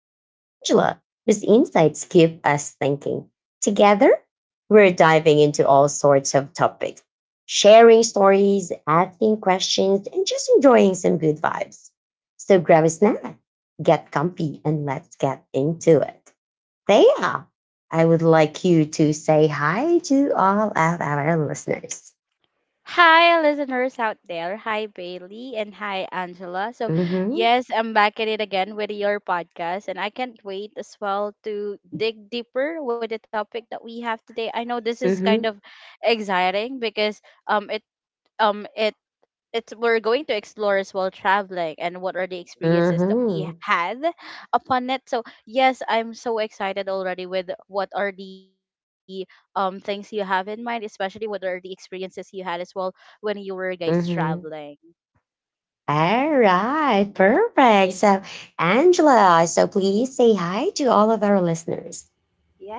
and Angela, whose insights keep us thinking. Together, we're diving into all sorts of topics, sharing stories, asking questions, and just enjoying some good vibes. So grab a snack, get comfy, and let's get into it. Thea, I would like you to say hi to all of our listeners. Hi, listeners out there. Hi, Bailey, and hi, Angela. So, Mm-hmm. yes, I'm back at it again with your podcast, and I can't wait as well to dig deeper with the topic that we have today. I know this is kind Mm-hmm. of exciting because um it um it it's we're going to explore as well traveling and what are the experiences that we Mm-hmm. had upon it. So yes, I'm so excited already with what are the things you have in mind, especially what are the experiences you had as well when you were guys traveling. Mm-hmm. All right, perfect. So, Angela, so please say hi to all of our listeners.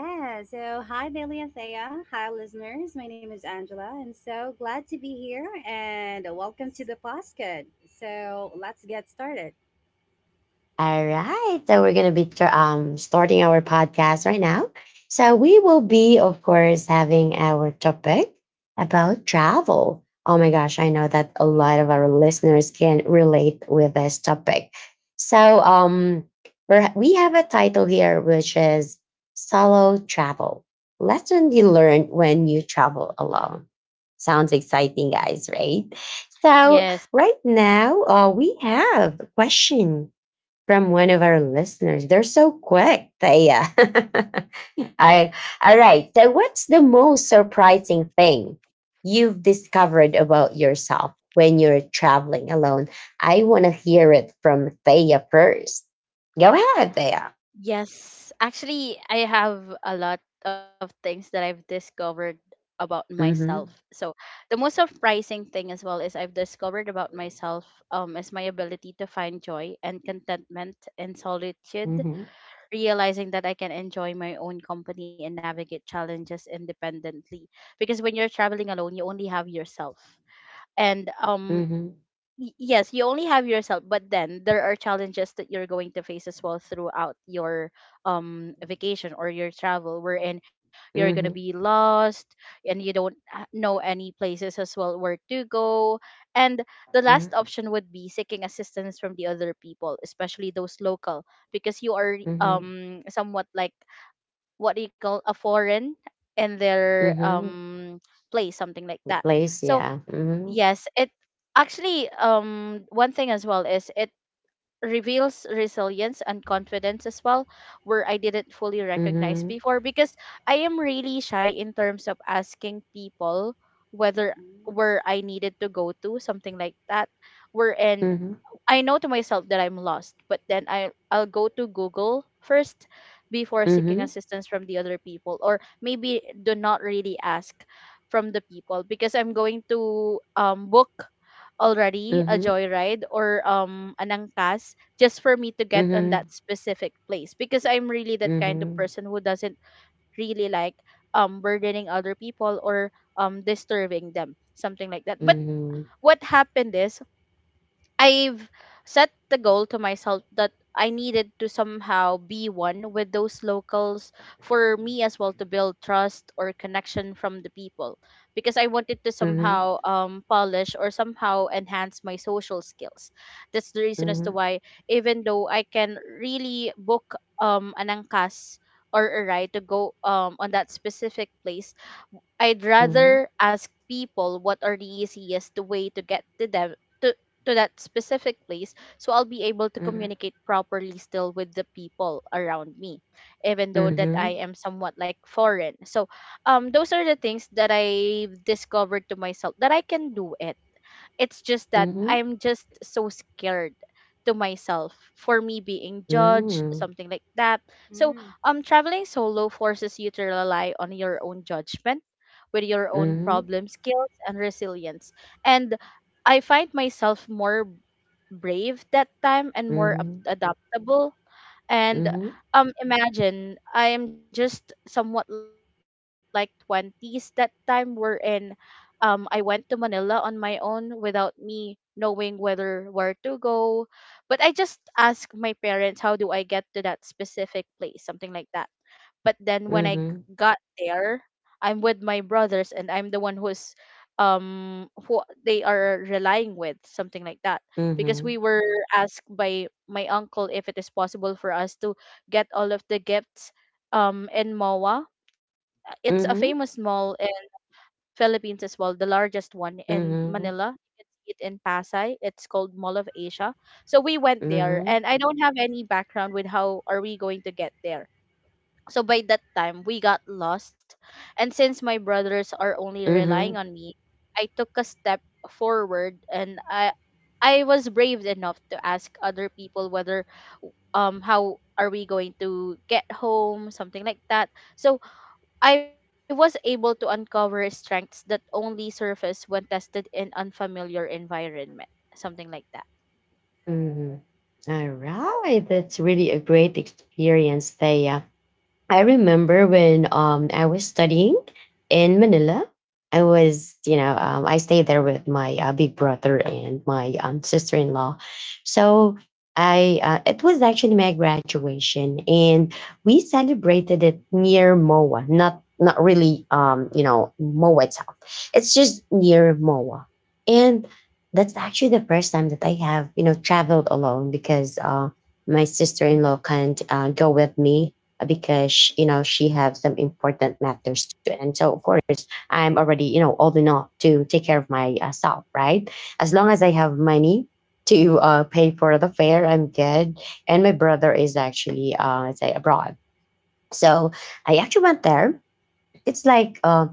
Yeah, so hi, Bailey and Thea. Hi, listeners. My name is Angela. I'm so glad to be here and welcome to the podcast. So let's get started. All right. So we're going to be starting our podcast right now. So we will be, of course, having our topic about travel. Oh my gosh, I know that a lot of our listeners can relate with this topic. So we have a title here, which is Solo Travel Lesson You Learn When You Travel Alone. Sounds exciting, guys, right? So Yes, right now, we have a question from one of our listeners. They're so quick, Thea. I, all right. So, what's the most surprising thing you've discovered about yourself when you're traveling alone? I want to hear it from Thea first. Go ahead, Thea. Yes, actually, I have a lot of things that I've discovered about myself. Mm-hmm. So, the most surprising thing as well is I've discovered about myself is my ability to find joy and contentment in solitude, Mm-hmm. realizing that I can enjoy my own company and navigate challenges independently. Because when you're traveling alone, you only have yourself. And um, Mm-hmm. yes, you only have yourself, but then there are challenges that you're going to face as well throughout your vacation or your travel, wherein you're gonna be Mm-hmm. lost and you don't ha- know any places as well where to go. And the last Mm-hmm. option would be seeking assistance from the other people, especially those local, because you are Mm-hmm. Somewhat like what do you call a foreign in their Mm-hmm. Place, something like that. Place, So yeah. Mm-hmm. Yes, it actually one thing as well is it reveals resilience and confidence as well where I didn't fully recognize Mm-hmm. before, because I am really shy in terms of asking people whether Mm, where I needed to go to, something like that, wherein Mm-hmm. I know to myself that I'm lost, but then I'll go to Google first before seeking Mm-hmm. assistance from the other people, or maybe do not really ask from the people because I'm going to book already a Mm-hmm. joyride or an angkas just for me to get on Mm-hmm. that specific place, because I'm really that Mm-hmm. kind of Mm-hmm. person who doesn't really like burdening other people or disturbing them, something like that. But Mm-hmm. what happened is I've set the goal to myself that I needed to somehow be one with those locals, for me as well to build trust or connection from the people, because I wanted to somehow polish or somehow enhance my social skills. That's the reason as to Mm-hmm. why, even though I can really book an angkas or a ride to go on that specific place, I'd Mhm, rather ask people what are the easiest way to get to them, to, to that specific place, so I'll be able to mhm, communicate properly still with the people around me, even though that true. I mhm, am somewhat like foreign. So those are the things that I've discovered to myself, that I can do it. It's just that mhm, I'm just so scared to myself for me being judged, mhm, something like that. So, Mm, traveling solo forces you to rely on your own judgment, with your own mhm, problem skills and resilience. And I find myself more brave that time and more mhm, adaptable. And mhm, imagine I am just somewhat like twenties that time, wherein I went to Manila on my own without me knowing whether where to go. But I just asked my parents how do I get to that specific place, something like that. But then when mhm, got there, I'm with my brothers and I'm the one who's who they are relying with, something like that. Because we mhm, were asked by my uncle if it is possible for us to get all of the gifts in MOA. It's a famous mhm, mall in Philippines as well, the largest one in mhm, Manila. You can see it in Pasay. It's called Mall of Asia. So we went there, mhm, and I don't have any background with how are we going to get there. So by that time, we got lost. And since my brothers are only relying mhm, on me, I took a step forward, and I was brave enough to ask other people whether how are we going to get home, something like that. So I was able to uncover strengths that only surface when tested in unfamiliar environment, something like that. mhm. All right, that's really a great experience, Thea. I remember when I was studying in Manila. I was, you know, I stayed there with my big brother and my sister in law. So it was actually my graduation, and we celebrated it near MOA, not really, you know, MOA itself. It's just near MOA, and that's actually the first time that I have, you know, traveled alone because my sister in law can't go with me because you know she have some important matters to and so of course I'm already, you know, old enough to take care of myself, right? As long as I have money to pay for the fare, I'm good. And my brother is actually let's say abroad. So I actually went there. It's like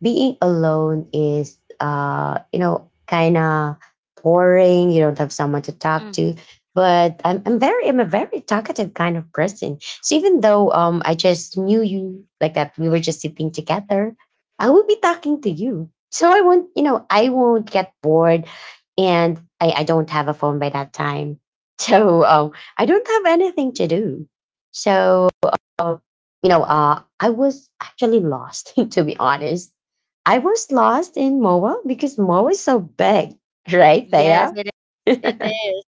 being alone is you know, kind of boring. You don't have someone to talk Mm-hmm. to. But I'm a very talkative kind of person. So even though I just knew you like that, we were just sitting together. I will be talking to you. So I won't, you know, I won't get bored, and I don't have a phone by that time. So I don't have anything to do. So um, you know, I was actually lost, to be honest. I was lost in Moa because Moa is so big, right, Yes, Thea? it is. It is.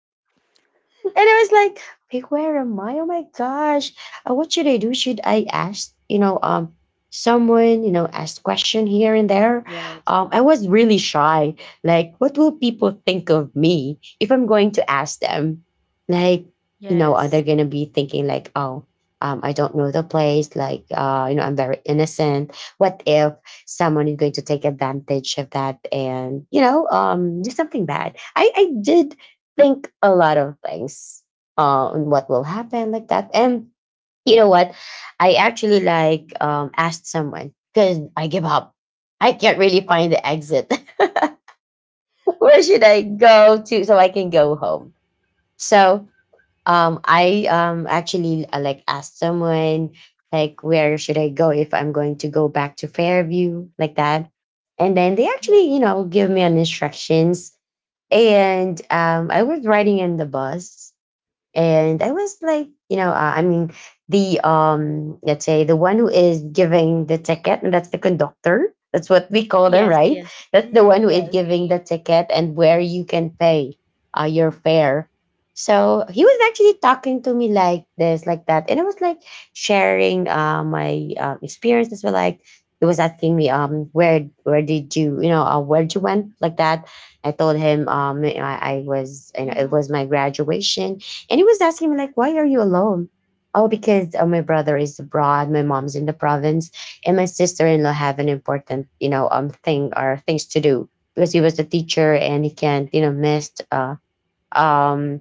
And I was like, "Wait, where am I? Oh my gosh. What should I do? Should I ask, you know, someone, you know, ask question here and there? Yes. I was really shy. Like, what will people think of me if I'm going to ask them? Like, you know, are they Yes. gonna be thinking like, oh, I don't know the place, like you know, I'm very innocent. What if someone is going to take advantage of that and, you know, do something bad? I did think a lot of things on what will happen like that. And you know what? I actually like asked someone because I give up. I can't really find the exit. Where should I go to so I can go home? So I actually like asked someone like where should I go if I'm going to go back to Fairview like that. And then they Yes. actually, you know, give me an instructions. And I was riding in the bus and I was like, you know, I mean, the let's say the one who is giving the ticket, and that's the conductor. That's what we call them, Yes. right? Yes. That's the mm-hmm, one who is Yes. mm-hmm. giving the ticket and where you can pay your fare. So he was actually talking to me like this, like that, and I was like sharing my experiences. Were like he was asking me, where did you, you know, where did you went, like that. I told him, I was, you know, Hmm. it was my graduation and he was asking me, like, why are you alone? Oh, because my brother is abroad, my mom's in the province, and my sister-in-law have an important, you know, thing or things to do because he was a teacher and he can't, you know, miss um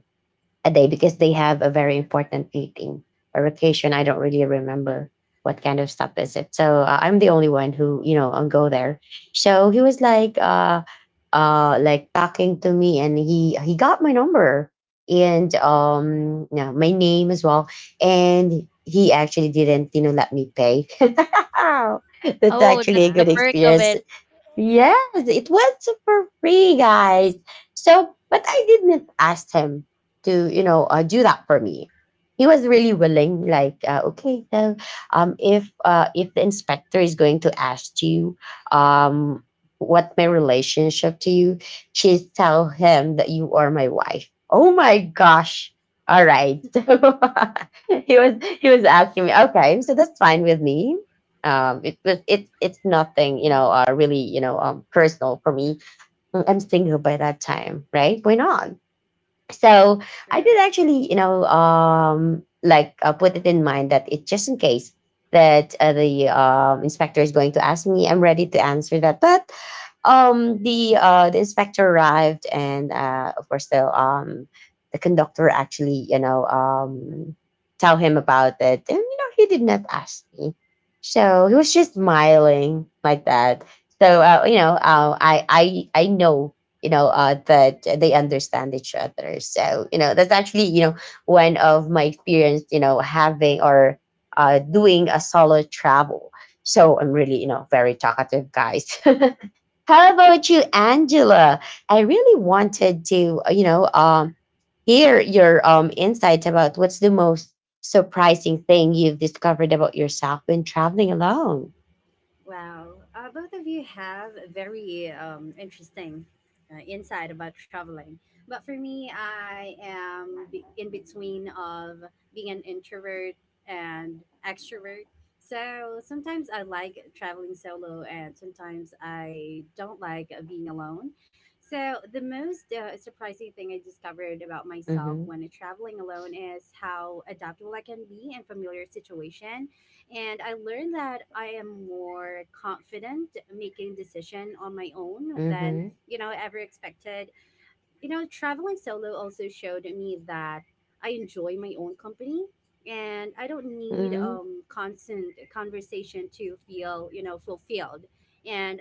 a day because they have a very important meeting or occasion. I don't really remember what kind of stuff is it. So I'm the only one who, you know, go there. So he was like talking to me, and he got my number and yeah, my name as well, and he actually didn't, you know, let me pay. That's Oh, that's actually a the good Wow. perk of experience. it. Yes, it was super free, guys. So, but I didn't ask him to, you know, do that for me. He was really willing. Like, okay, so if the inspector is going to ask you, um, what my relationship to you, just tell him that you are my wife. Oh my gosh! All right, so he was he was asking me. Okay, so that's fine with me. It's nothing, you know, Mm-hmm, really, you know, personal for me. Mm, I'm single by that time, right? Why not? So I true. did actually, you know, put it in mind that it just in case that the inspector is going to ask me, I'm ready to answer that. But the inspector arrived, and of course the conductor actually, you know, tell him about it, and you know, he did not ask me, so he was just smiling like that. So you know, I know, you know, that they understand each other, so you know that's actually, you know, one of my experience, you know, having or doing a solo travel. So I'm really, you know, very talkative, guys. How about you, Angela? I really wanted to you know, hear your insights about what's the most surprising thing you've discovered about yourself when traveling alone. Wow, both of you have a very interesting insight about traveling. But for me, I am in between of being an introvert and extrovert. So sometimes I like traveling solo, and sometimes I don't like being alone. So the most surprising thing I discovered about myself Mm-hmm. when traveling alone is how adaptable I can be in familiar situation, and I learned that I am more confident making decision on my own than Mm-hmm. you know ever expected. You know, traveling solo also showed me that I enjoy my own company and I don't need Mm-hmm. Constant conversation to feel, you know, fulfilled. And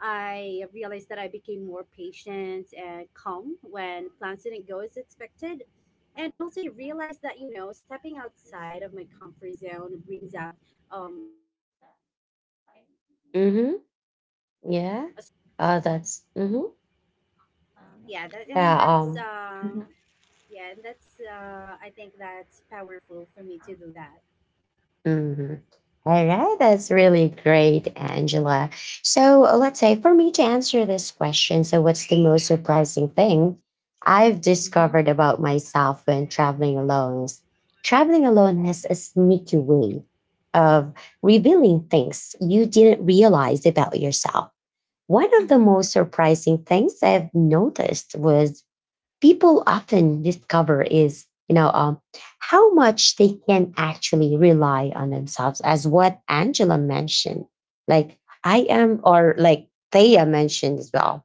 I realized that I became more patient and calm when plans didn't go as expected. And also I realized that, you know, stepping outside of my comfort zone brings out a stronger and a braver version of Mm-hmm. me. Yeah. Oh, that's mm-hmm. Yeah that and Yeah. that's Mhm. I think that's powerful for me to do that. Mhm. All right. That's really great, Angela. So let's say for me to answer this question. So, what's the most surprising thing I've discovered about myself when traveling alone? Is traveling alone has a sneaky way of revealing things you didn't realize about yourself. One of the Mm-hmm. most surprising things I've noticed was people often discover is, you know, how much they can actually rely on themselves, as what Angela mentioned, like I am, or like Thea mentioned as well,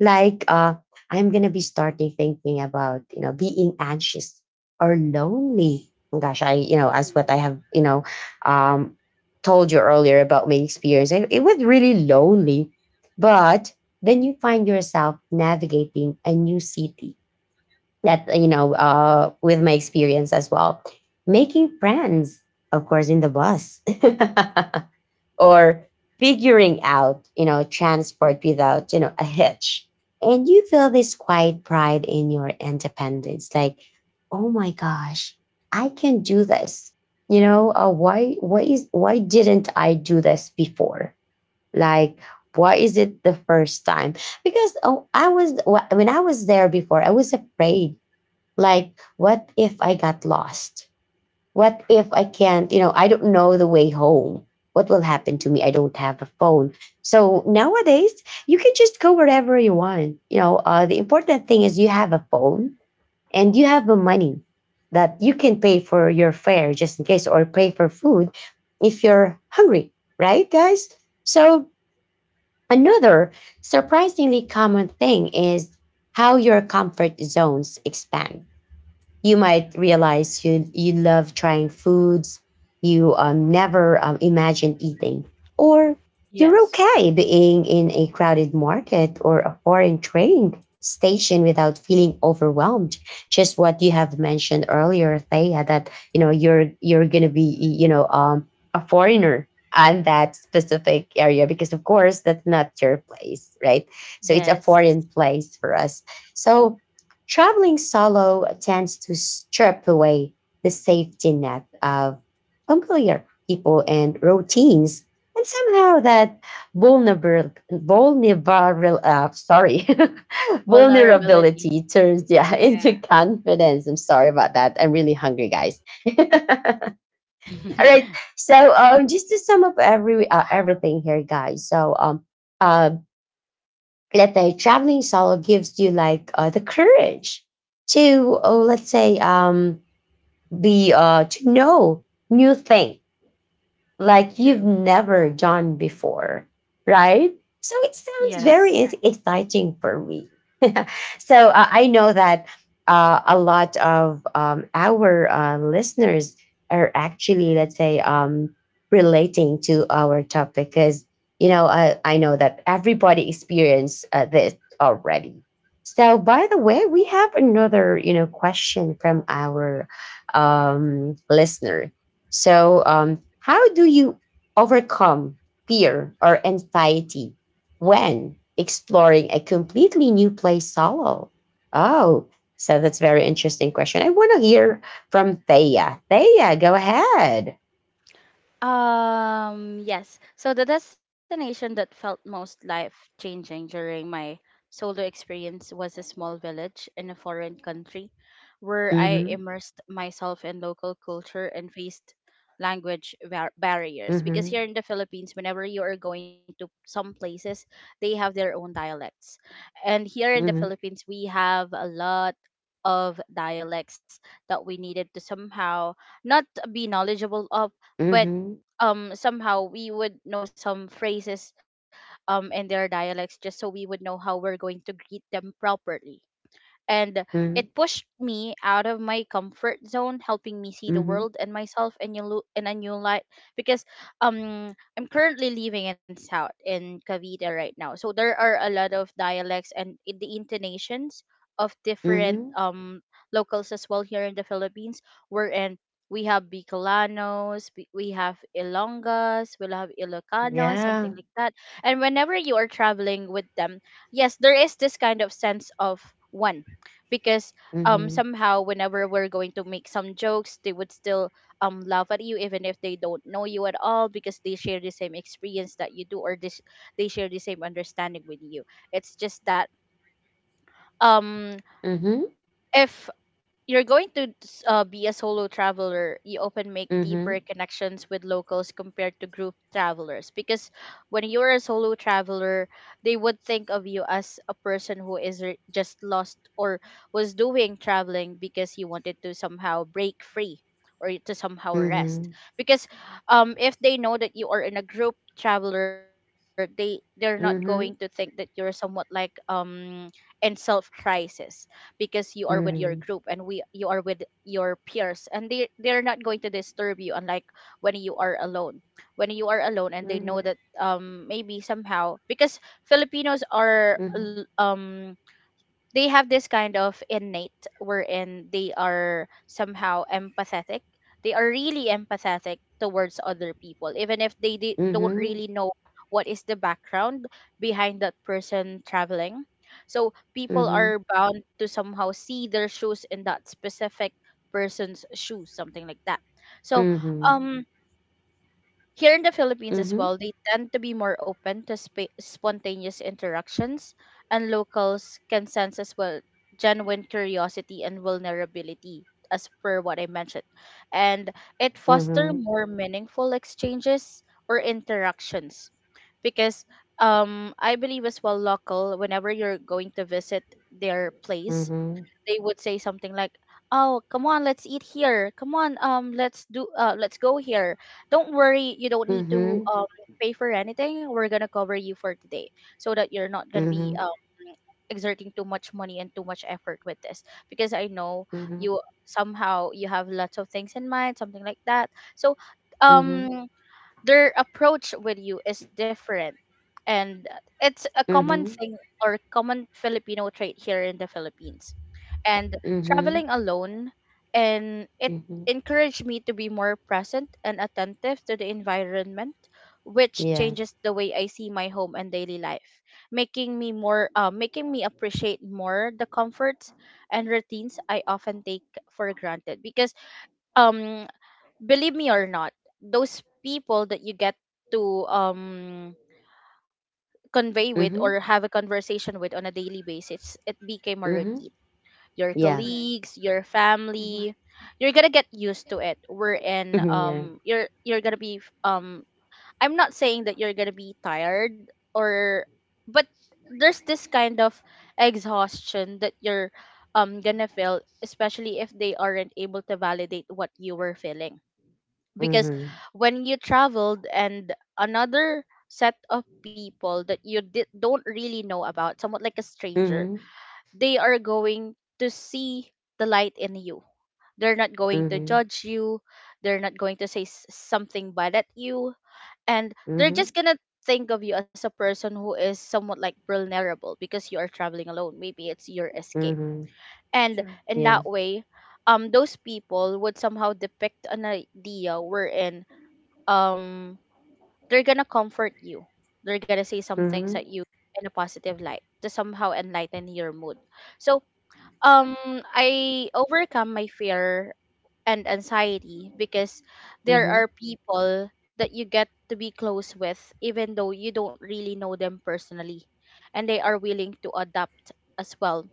like I'm gonna be starting thinking about, you know, being anxious or lonely. Gosh, I, you know, as Mm-hmm. what I have, you know, um told you earlier about my experience, it was really lonely. But then you find yourself navigating a new city, that, you know, with my experience as well, making friends, of course, in the bus or figuring out, you know, transport without, you know, a hitch. And you feel this quiet pride in your independence, like, oh my gosh, I can do this. You know, why didn't I do this before? Like, why is it the first time? Because oh, I was when I was there before, I was afraid. Like, what if I got lost? What if I can't, you know, I don't know the way home? What will happen to me? Mm-hmm. I don't have a phone. So nowadays, you can just go wherever you want. You know, the important thing is you have a phone and you have the money that you can pay for your fare, just in case, or pay for food if you're hungry, right, guys? So another surprisingly common thing is how your comfort zones expand. You might realize you love trying foods you never imagined eating, or you're Yes. okay being in a crowded market or a foreign train station without feeling overwhelmed. Just what you have mentioned earlier, Thea, that you're gonna be a foreigner on that specific area because of course that's not your place, right? So it's a Yes. foreign place for us. So traveling solo tends to strip away the safety net of familiar people and routines. And somehow that vulnerable, vulnerable uh, sorry, Vulnerability. vulnerability turns, yeah, Yes. into Yeah, confidence. I'm sorry about that. I'm really hungry, guys. All right. So just to sum up everything here, guys. Uh, let's say traveling solo gives you, like, the courage to, let's say, be to know new things like you've true. never done before, right? So it sounds Yeah, Yes. very correct. exciting for me. So I know that a lot of our listeners are, actually, let's say, relating to our topic because you know I know that everybody experienced this already. So by the way, we have another, you know, question from our listener. So, how do you overcome fear or anxiety when exploring a completely new place solo? Oh, so that's very interesting question. I want to hear from Thea. Thea, go ahead. Yes. So the destination that felt most life changing during my solo experience was a small village in a foreign country where I Mm-hmm. immersed myself in local culture and faced language barriers. Because Mm-hmm. here in the Philippines, whenever you are going to some places, they have their own dialects. And here in the Mm-hmm. Philippines, we have a lot of dialects that we needed to somehow not be knowledgeable of, but Mm-hmm. Somehow we would know some phrases in their dialects, just so we would know how we're going to greet them properly. And it Mm-hmm. pushed me out of my comfort zone, helping me see the Mm-hmm. world and myself in a, in a new light, because I'm currently living in south in Cavite right now, so there are a lot of dialects and the intonations of different Mm-hmm. Locals as well here in the Philippines, wherein we have Bicolanos, we have Ilongas, we'll have Ilocanos, something Yeah. like that. And whenever you are traveling with them, yes, there is this kind of sense of one, because Mm-hmm. somehow whenever we're going to make some jokes, they would still laugh at you even if they don't know you at all, because they share the same experience that you do, or this they share the same understanding with you. It's just that um Mm-hmm. if you're going to be a solo traveler, you often make deeper Mm-hmm. connections with locals compared to group travelers. Because when you're a solo traveler, they would think of you as a person who is just lost, or was doing traveling because you wanted to somehow break free or to somehow rest. Mm-hmm. Because if they know that you are in a group traveler, they're not going to think that Mm-hmm. you're somewhat like in self crisis, because you are with your group Correct. Mm-hmm. and we you are with your peers, and they're not going to disturb you, unlike when you are alone. When you are alone and they know Mm-hmm. that, maybe somehow, because filipinos are Mm-hmm. l- um they have this kind of innate wherein they are somehow empathetic. They are really empathetic towards other people, even if they don't Mm-hmm. really know what is the background behind that person traveling. So people Mm-hmm. are bound to somehow see their shoes in that specific person's shoes, something like that. So Mm-hmm. um here in the Philippines as Mhm. well, they tend to be more open to spontaneous interactions, and locals can sense as well genuine curiosity and vulnerability, as per what I mentioned. And it foster Mhm. more meaningful exchanges or interactions, because I believe as well local whenever you're going to visit their place, Mhm. they would say something like, "Oh, come on, let's eat here. Come on, let's do let's go here. Don't worry, you don't need to Mhm. Pay for anything, we're gonna cover you for today, so that you're not gonna be Mhm. Exerting too much money and too much effort with this, because I know Mhm. you somehow you have lots of things in mind," something like that. So Mhm. um their approach with you is different, and it's a common Mhm. thing or common Filipino trait here in the Philippines. And Mhm. traveling alone, and it Mhm. encouraged me to be more present and attentive to the environment, which Yeah. changes the way I see my home and daily life, making me more making me appreciate more the comforts and routines I often take for granted. Because um believe me or not, those people that you get to convey with, Mhm. or have a conversation with on a daily basis, it became a routine. Mhm. Your Yeah. Correct. colleagues, your Mm-hmm. family. You're gonna get used to it. We're in Mhm. Yeah. You're gonna be f- I'm not saying that you're gonna be tired or, but there's this kind of exhaustion that you're gonna feel, especially if they aren't able to validate what you were feeling. Because Mhm. when you traveled and another set of people that you don't really know about, somewhat like a stranger, Mhm. they are going to see the light in you. They're not going to Mhm. judge you. They're not going to say something bad at you. And they're Mhm. just going to think of you as a person who is somewhat like vulnerable, because you are traveling alone. Maybe it's your escape. Mhm. And True. in Yeah. that way, those people would somehow depict an idea wherein, um, they're going to comfort you. They're going to say some things at Mhm. you in a positive light to somehow enlighten your mood. So um I overcome my fear and anxiety because there are Mhm. people that you get to be close with even though you don't really know them personally, and they are willing to adapt as well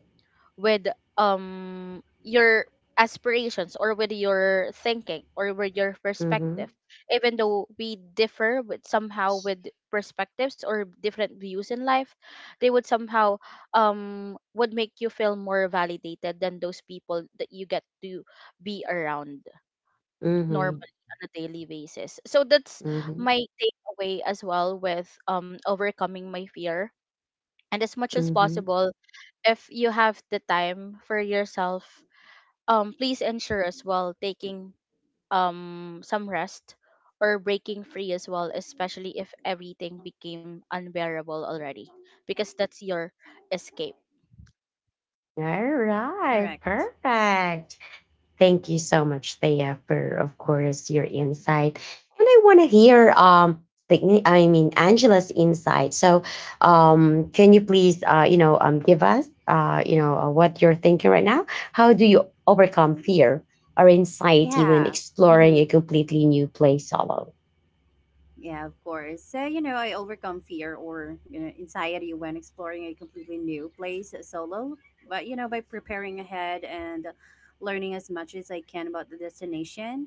with your aspirations, or with your thinking, or with your perspective. Mhm. Even though we differ with somehow with perspectives or different views in life, they would somehow would make you feel more validated than those people that you get to be around Mhm. normally on a daily basis. So that's Mhm. my takeaway as well with overcoming my fear. And as much as Mhm. possible, if you have the time for yourself, please ensure as well taking some rest, or breaking free as well, especially if everything became unbearable already, because that's your escape. All right. Correct. Perfect. Thank you so much, Thea, for of course your insight. And I want to hear the, I mean, Angela's insight. So can you please you know give us you know what you're thinking right now? How do you overcome fear or anxiety when Yeah. exploring Mm-hmm. a completely new place solo? Yeah, of course. So you know I overcome fear or, you know, anxiety when exploring a completely new place solo, but you know by preparing ahead and learning as much as I can about the destination.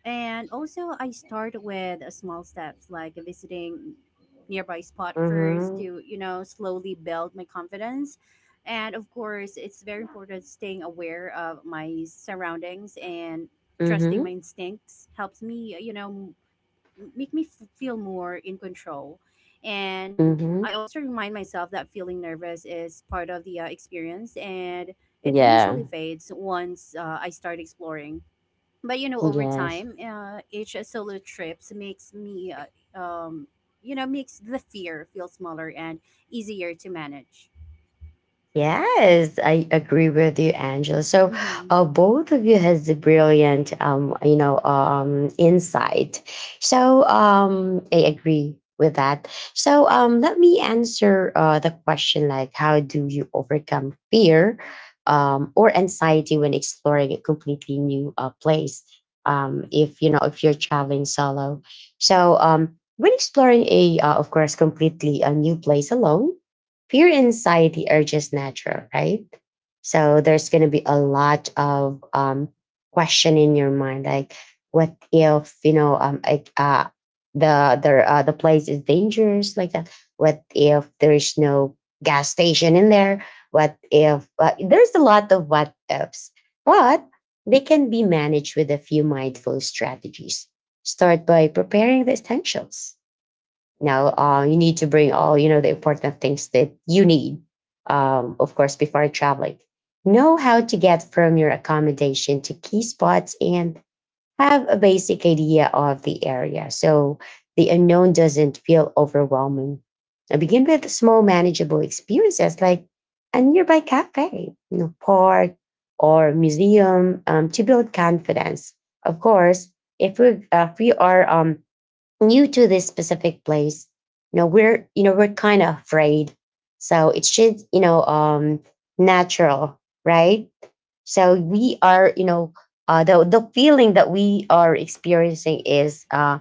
And also, I start with small steps like visiting nearby spot first Mm-hmm. to, you know, slowly build my confidence. And of course, it's very important staying aware of my surroundings and trusting Mm-hmm. my instincts helps me, you know, make me feel more in control. And I Mm-hmm. also remind myself that feeling nervous is part of the experience and it Yeah. usually fades once I start exploring. But you know, over Yes. time, each solo trips makes me you know, makes the fear feel smaller and easier to manage. Yes, I agree with you, Angela. So, Mm-hmm. Both of you has the brilliant, you know, insight. So, I agree with that. So, let me answer the question, like, how do you overcome fear, or anxiety when exploring a completely new place? If you know, if you're traveling solo, so when exploring a, of course, completely a new place alone, fear and anxiety are just natural, right? So there's going to be a lot of question in your mind, like, what if, you know, like, the place is dangerous, like that. What if there is no gas station in there? What if there's a lot of what ifs, but they can be managed with a few mindful strategies. Start by preparing the essentials. Now, you need to bring all, you know, the important things that you need. Of course, before traveling, know how to get from your accommodation to key spots and have a basic idea of the area so the unknown doesn't feel overwhelming. Now, begin with small, manageable experiences like a nearby cafe, you know, park, or museum, to build confidence. Of course, if we are, new to this specific place, you know, we're, you know, we're kind of afraid, so it should, you know, natural, right? So we are, you know, the feeling that we are experiencing is, uh,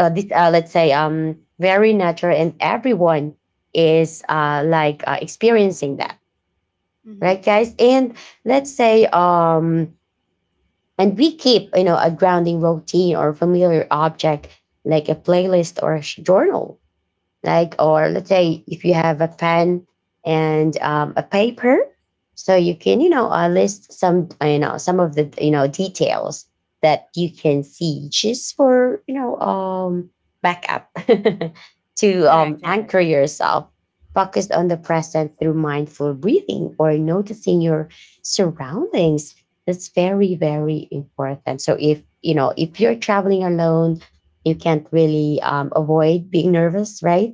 uh, this, uh let's say, very natural and everyone is like experiencing that, Mm-hmm. right, guys? And let's say, and we keep, you know, a grounding routine or familiar object, like a playlist or a journal, like, or let's say if you have a pen and, a paper, so you can, you know, list some, you know, some of the, you know, details that you can see, just for, you know, backup to Correct. anchor Correct. yourself, focused on the present through mindful breathing or noticing your surroundings. That's very, very important. So if you know, if you're traveling alone, you can't really avoid being nervous, right?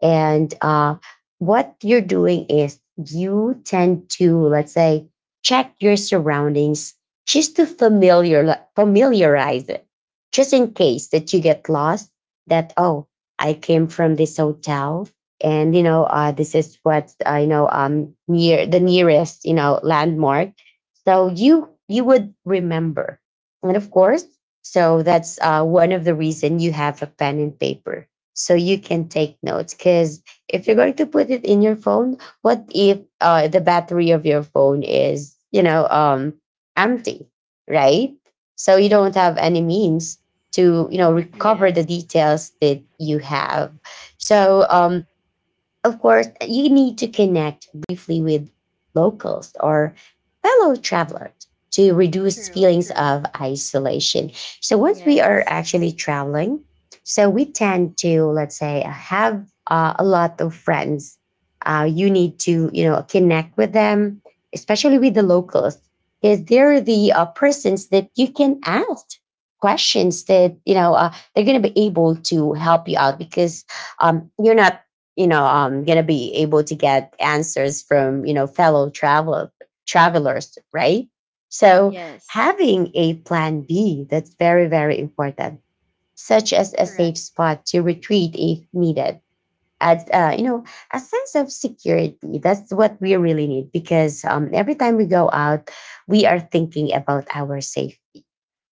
And what you're doing is you tend to, let's say, check your surroundings just to familiarize it, just in case that you get lost. That, oh, I came from this hotel, and, you know, this is what I know near the nearest, you know, landmark. So you would remember, and of course, so that's one of the reason you have a pen and paper, so you can take notes. Because if you're going to put it in your phone, what if the battery of your phone is, you know, empty, right? So you don't have any means to, you know, Mm-hmm. recover the Yes, details that you have. So of course, you need to connect briefly with locals or fellow travelers to reduce True, feelings true. of isolation. So once we are yes, actually traveling, so we tend to, let's say, have a lot of friends. You need to, you know, connect with them, especially with the Mm-hmm. locals, because they're the persons that you can ask questions that, you know, they're going to be able to help you out. Because you're not, you know, gonna be able to get answers from, you know, fellow travelers, right? So yes. having a plan B, that's very, very important, such as a safe Correct, spot to retreat if needed, as, you know, a sense of security. That's what we really need, because, every time we go out, we are thinking about our safe.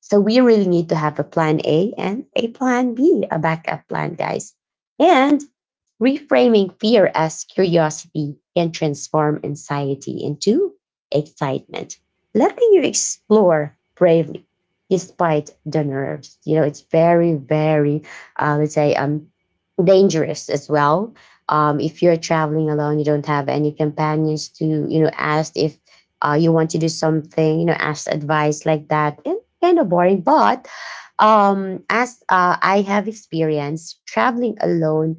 So we really need to have a plan A and a plan B, a backup plan, guys. And reframing fear as curiosity can transform anxiety into excitement, letting you explore bravely despite the nerves. You know, it's very, very, let's say, dangerous as well. If you're traveling alone, you don't have any companions to, you know, ask if you want to do something, you know, ask advice like that. And kind of boring, but as I have experienced, traveling alone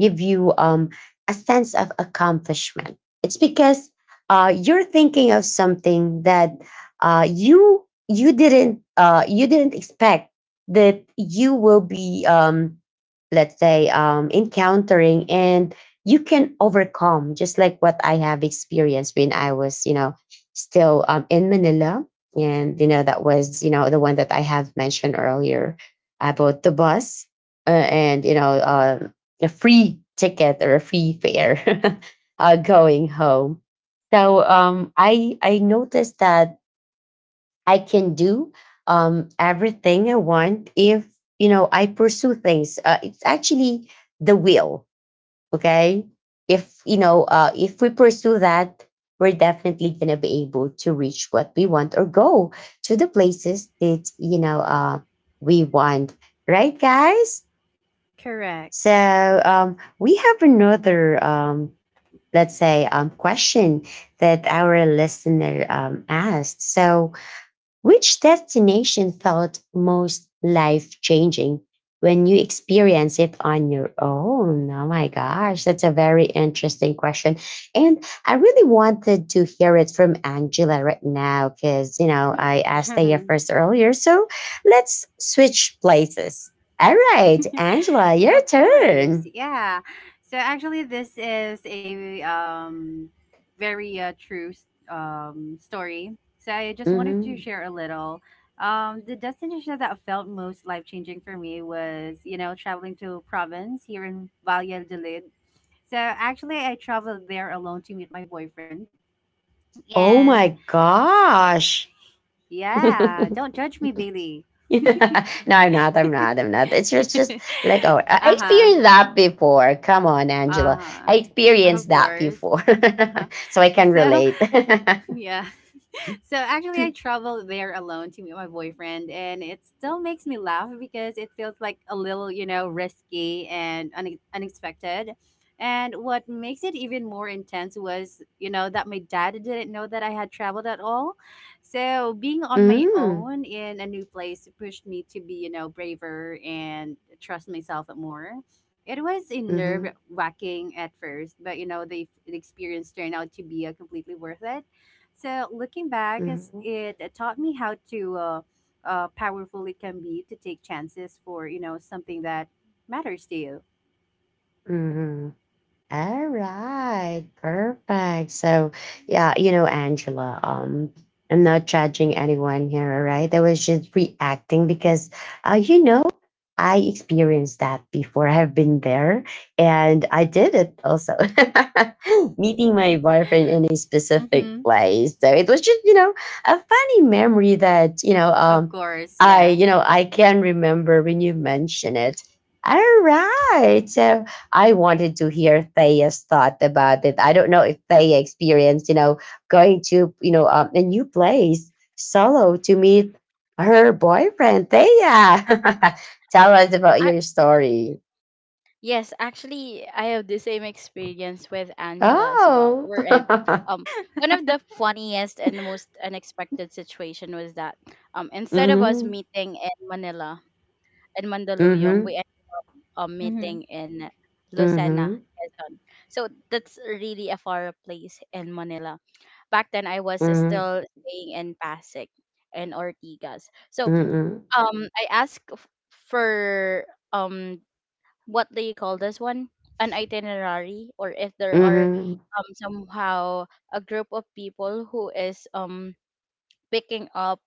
give you, a sense of accomplishment. It's because you're thinking of something that you didn't expect that you will be, let's say, encountering, and you can overcome, just like what I have experienced when I was, you know, still, in Manila. And, you know, that was, you know, the one that I have mentioned earlier about the bus, and, you know, a free ticket or a free fare going home. So um, I noticed that I can do, everything I want if, you know, I pursue things. It's actually the will. Okay, if you know, if we pursue that, we're definitely gonna be able to reach what we want or go to the places that, you know, we want. Right, guys? correct. So we have another, let's say, question that our listener asked. So, which destination felt most life changing when you experience it on your own? Oh my gosh, that's a very interesting question, and I really wanted to hear it from Angela right now, because, you know, I asked Thea first earlier. So let's switch places. All right, Angela, your Of course, turn. yeah. So actually, this is a very true story. So I just wanted to Hmm. share a little. The destination that felt most life changing for me was, you know, traveling to province here in Valladolid. So actually, I traveled there alone to meet my boyfriend. Oh And my gosh. yeah, don't judge me, Bailey. No, I'm not. I'm not. I'm not. It's just like, oh, I uh huh. experienced that before. Come on, Angela. Uh-huh. I Of experienced that course. before. Uh-huh. So I can So, relate. yeah. So actually, I traveled there alone to meet my boyfriend, and it still makes me laugh because it feels like a little, you know, risky and unexpected. And what makes it even more intense was, you know, that my dad didn't know that I had traveled at all. So being on my Mm. own in a new place pushed me to be, you know, braver and trust myself more. It was nerve Mm-hmm. wracking at first, but you know, the experience turned out to be completely worth it. So looking back, as Mm-hmm. it taught me how to powerful it can be to take chances for, you know, something that matters to you. Mm-hmm. All right, perfect. So, yeah, you know, Angela, I'm not judging anyone here, all right? I was just reacting because, you know, I experienced that before. I have been there, and I did it also, meeting my boyfriend in a specific Mm-hmm. place. So it was just, you know, a funny memory that, you know, Of course, I, you yeah. know, I can remember when you mention it. All right. So, I wanted to hear Thea's thought about it. I don't know if Thea experienced, you know, going to, you know, a new place solo to meet her boyfriend, Thea. Tell us about I your story. Yes, actually, I have the same experience with Angela as well. Oh. We're in um One of the funniest and most unexpected situation was that instead of us Mm-hmm. meeting in Manila, in Mandaluyong, Mm-hmm. we ended up meeting Mm-hmm. in Lucena, Mm-hmm. Quezon. So that's really a far place in Manila. Back then, I was still staying in Pasig and Ortigas. So Mm-hmm. I asked for um what do you call this one, an itinerary, or if there are Mm-hmm. Somehow a group of people who is picking up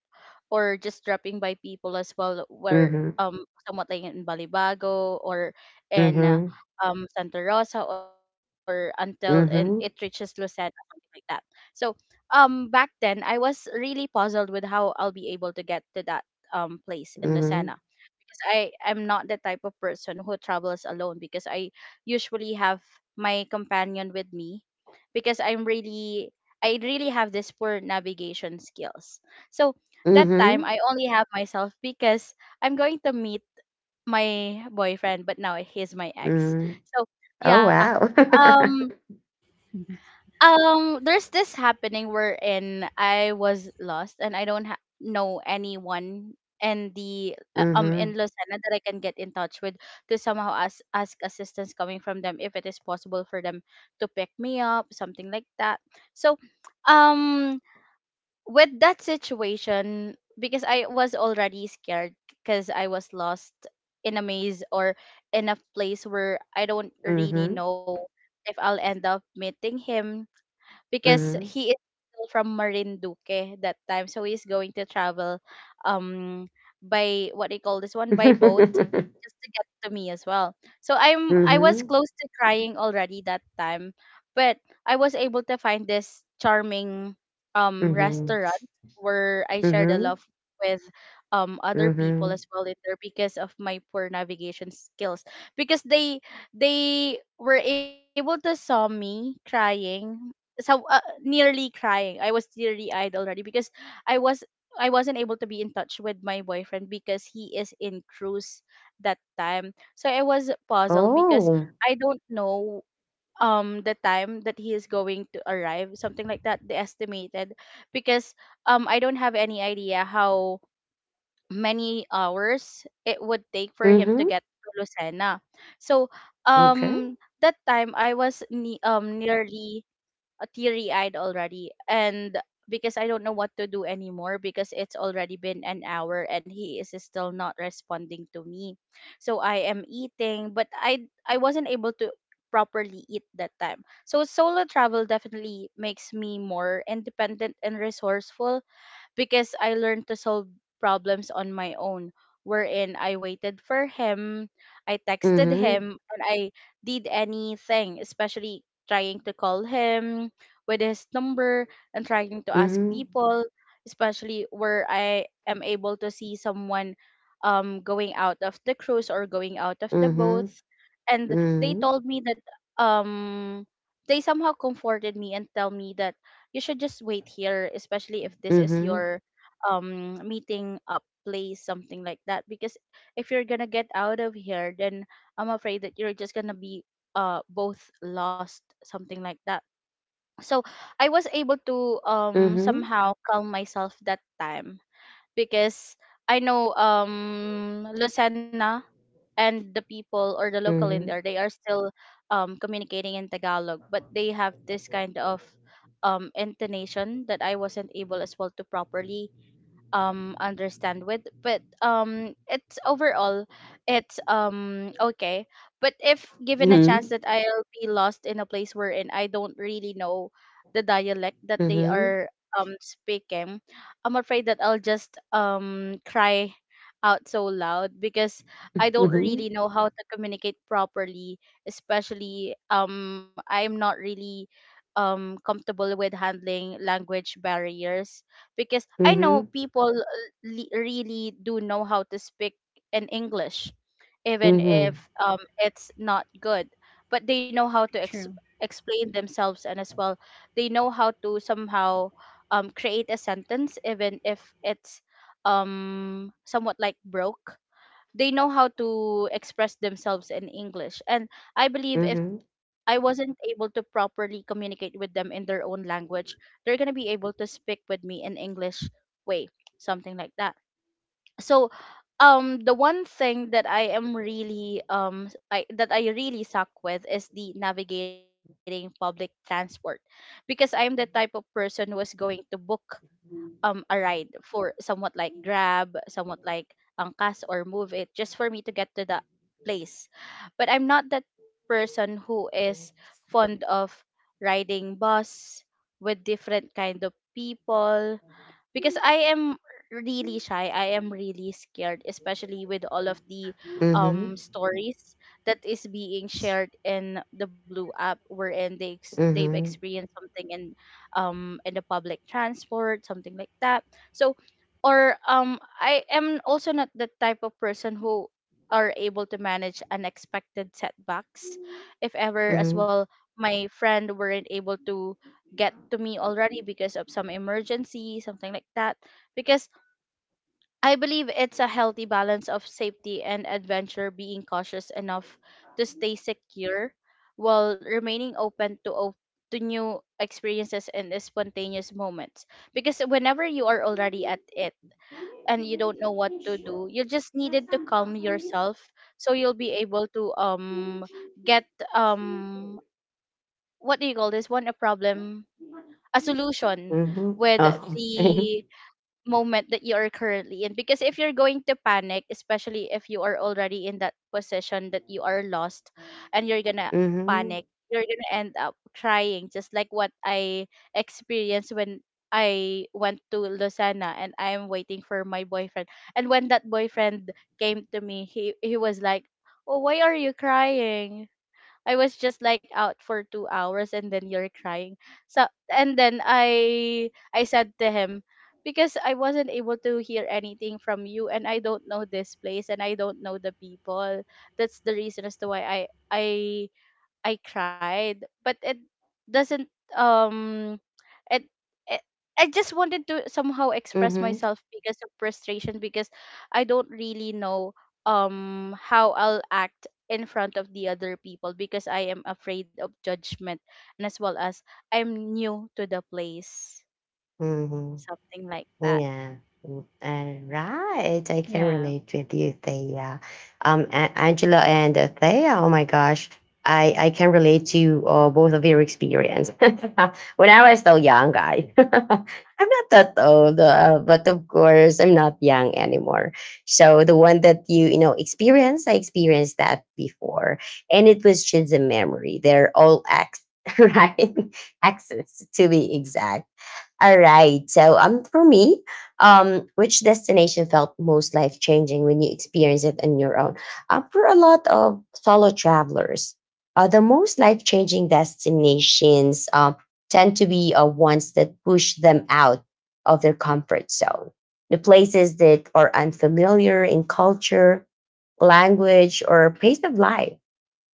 or just dropping by people as well, where Mm-hmm. Mm-hmm. Somewhat like in Balibago, or in Mm-hmm. Santa Rosa, or until in, it reaches Mm-hmm. Lucena, something like that. So back then I was really puzzled with how I'll be able to get to that place in Lucena, Mm-hmm. because I am not the type of person who travels alone, because I usually have my companion with me, because I'm really, I really have this poor navigation skills. So that time Mm-hmm. I only have myself because I'm going to meet my boyfriend, but now he's my ex. Mm-hmm. So Oh yeah. wow. Um there's this happening wherein I was lost and I don't know anyone in the in Mm-hmm. Lucena that I can get in touch with to somehow ask assistance coming from them, if it is possible for them to pick me up, something like that. So, um, with that situation, because I was already scared, because I was lost in a maze, or in a place where I don't really Mm-hmm. know if I'll end up meeting him, because Mm-hmm. he is still from Marinduque that time. So he's going to travel um by, what they call this one? By boat, Mhm. just to get to me as well. So I was Mhm. close to crying already that time, but I was able to find this charming restaurant where I shared a Mhm. love with other people Mhm. as well in there, because of my poor navigation skills, because they were able to saw me crying, so nearly crying. I was teary eyed already because I was I wasn't able to be in touch with my boyfriend because he is in cruise that time. So I was puzzled because Oh. I don't know the time that he is going to arrive, something like that, the estimated, because I don't have any idea how many hours it would take for him to Mhm. get to Lucena. So Okay. um that time I was nearly teary eyed already, and because I don't know what to do anymore, because it's already been an hour and he is still not responding to me. So I am eating, but I wasn't able to properly eat that time. So solo travel definitely makes me more independent and resourceful, because I learned to solve problems on my own, wherein I waited for him, I texted Mhm. him, and I did anything, especially trying to call him with his number, and trying to ask Mhm. people, especially where I am able to see someone going out of the cruise or going out of the boat. Mhm. And they Mhm. told me that um they somehow comforted me and tell me that you should just wait here, especially if this is your meeting up place, something like that. Because if you're gonna get out of here, then I'm afraid that you're just gonna be both lost, something like that. So I was able to Mhm. Mhm. somehow calm myself that time, because I know Lucena, and the people or the local in there, they are still communicating in Tagalog, but they have this kind of intonation that I wasn't able as well to properly understand with. But it's overall, it's okay. But if given a chance that I'll be lost in a place wherein I don't really know the dialect that Mhm. Mhm. they Mhm. are speaking, I'm afraid that I'll just cry out so loud, because I don't really know how to communicate properly, especially I'm not really comfortable with handling language barriers, because I know Mhm. people really do know how to speak in English, even if Mhm. It's not good, but they know how to True. explain themselves, and as well they know how to somehow create a sentence, even if it's somewhat like broke, they know how to express themselves in English. And I Mhm. believe Mhm. if Mhm. I wasn't able to properly communicate with them in their own language, they're gonna be able to speak with me in English way, something like that. So the one thing that I am really s- I that I really suck with is the navigating public transport, because I am the type of person who is going to book a ride for somewhat like Grab, somewhat like Angkas or Move It, just for me to get to the place. But I'm not that person who is fond of riding bus with different kind of people, because I am really shy. I am really scared, especially with all of the stories that is being shared in the Blue app, wherein they they've experienced something in the public transport, something like that. So, or I am also not the type of person who are able to manage unexpected setbacks, if Mhm. ever, as Mhm. well, my friend weren't able to get to me already because of some emergency, something like that. Because I believe it's a healthy balance of safety and adventure, being cautious enough to stay secure while remaining open to to new experiences and spontaneous moments. Because whenever you are already at it and you don't know what to do, you just needed to calm yourself, so you'll be able to get Mhm. um what do you call this one, a problem, a solution Oh, with okay. the moment that you are currently in. Because if you're going to panic, especially if you are already in that position that you are lost, and you're gonna Mhm. panic, you're gonna end up crying, just like what I experienced when I went to Lucena and I am waiting for my boyfriend. And when that boyfriend came to me, he was like, oh, why are you crying? I was just like out for 2 hours and then you're crying. So and then I said to him, because I wasn't able to hear anything from you, and I don't know this place, and I don't know the people. That's the reason as to why I cried. But it doesn't um and I I just wanted to somehow express Mhm. myself because of frustration, because I don't really know how I'll act in front of the other people, because I am afraid of judgment, and as well as I'm new to the place, Mhm. something like that. Yeah. Mm, right. I can Yeah. relate with you, Thea. Angela and Thea. Oh my gosh. I can relate to both of your experience. When I was still young, I I'm not that old, but of course I'm not young anymore. So the one that you know, experienced, I experienced that before, and it was just a memory. They're all ex, right? Exes to be exact. All right. So for me, which destination felt most life changing when you experience it on your own? For a lot of solo travelers, the most life changing destinations tend to be ones that push them out of their comfort zone. The places that are unfamiliar in culture, language, or pace of life,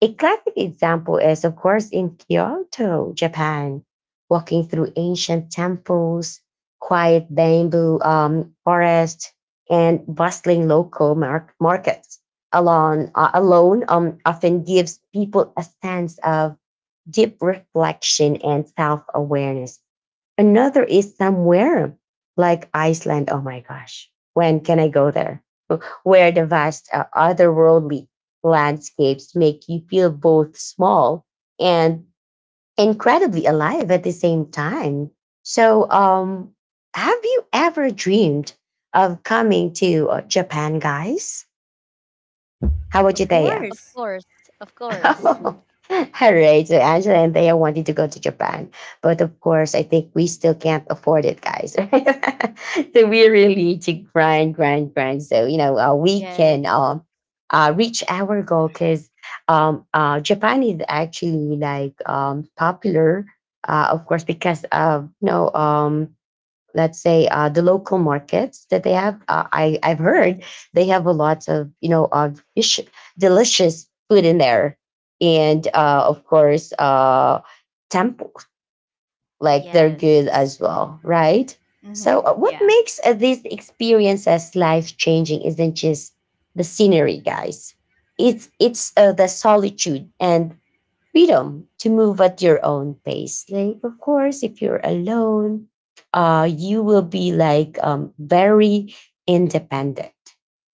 a classic example is, of course, in Kyoto, Japan, walking through ancient temples, quiet bamboo forests, and bustling local markets alone, alone, often gives people a sense of deep reflection and self awareness. Another is somewhere like Iceland. Oh my gosh, when can I go there? Where the vast otherworldly landscapes make you feel both small and incredibly alive at the same time. So, have you ever dreamed of coming to Japan, guys? How about Of you, Thea? Of course. course, of course. Oh, all right. So Angela and Thea wanted to go to Japan. But of course, I think we still can't afford it, guys. Right? So we really need to grind, grind, grind. So, you know, we Yes, can reach our goal because Japan is actually like popular, of course, because of, you know, let's say the local markets that they have, uh, I've yes, heard they have a lot of, you know, of delicious food in there, and of course, temples, like they're yes, good as well, right? Mm-hmm. So what Yeah. makes these experiences life changing isn't just the scenery, guys. It's the solitude and freedom to move at your own pace. Like, of course, if you're alone, you will be like very independent.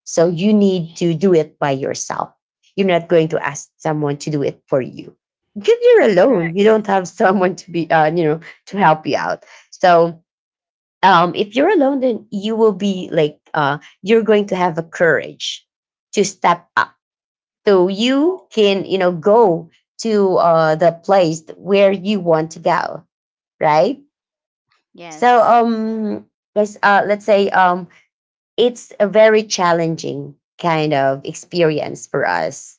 So you need to do it by yourself. You're not going to ask someone to do it for you because you're alone. You yes, Correct. don't have someone to be, you know, to help you out. So, if you're alone, then you will be like, you're going to have a courage to step up, so you can, you know, go to the place where you want to go, right? so yes. um let's say, it's a very challenging kind of experience for us,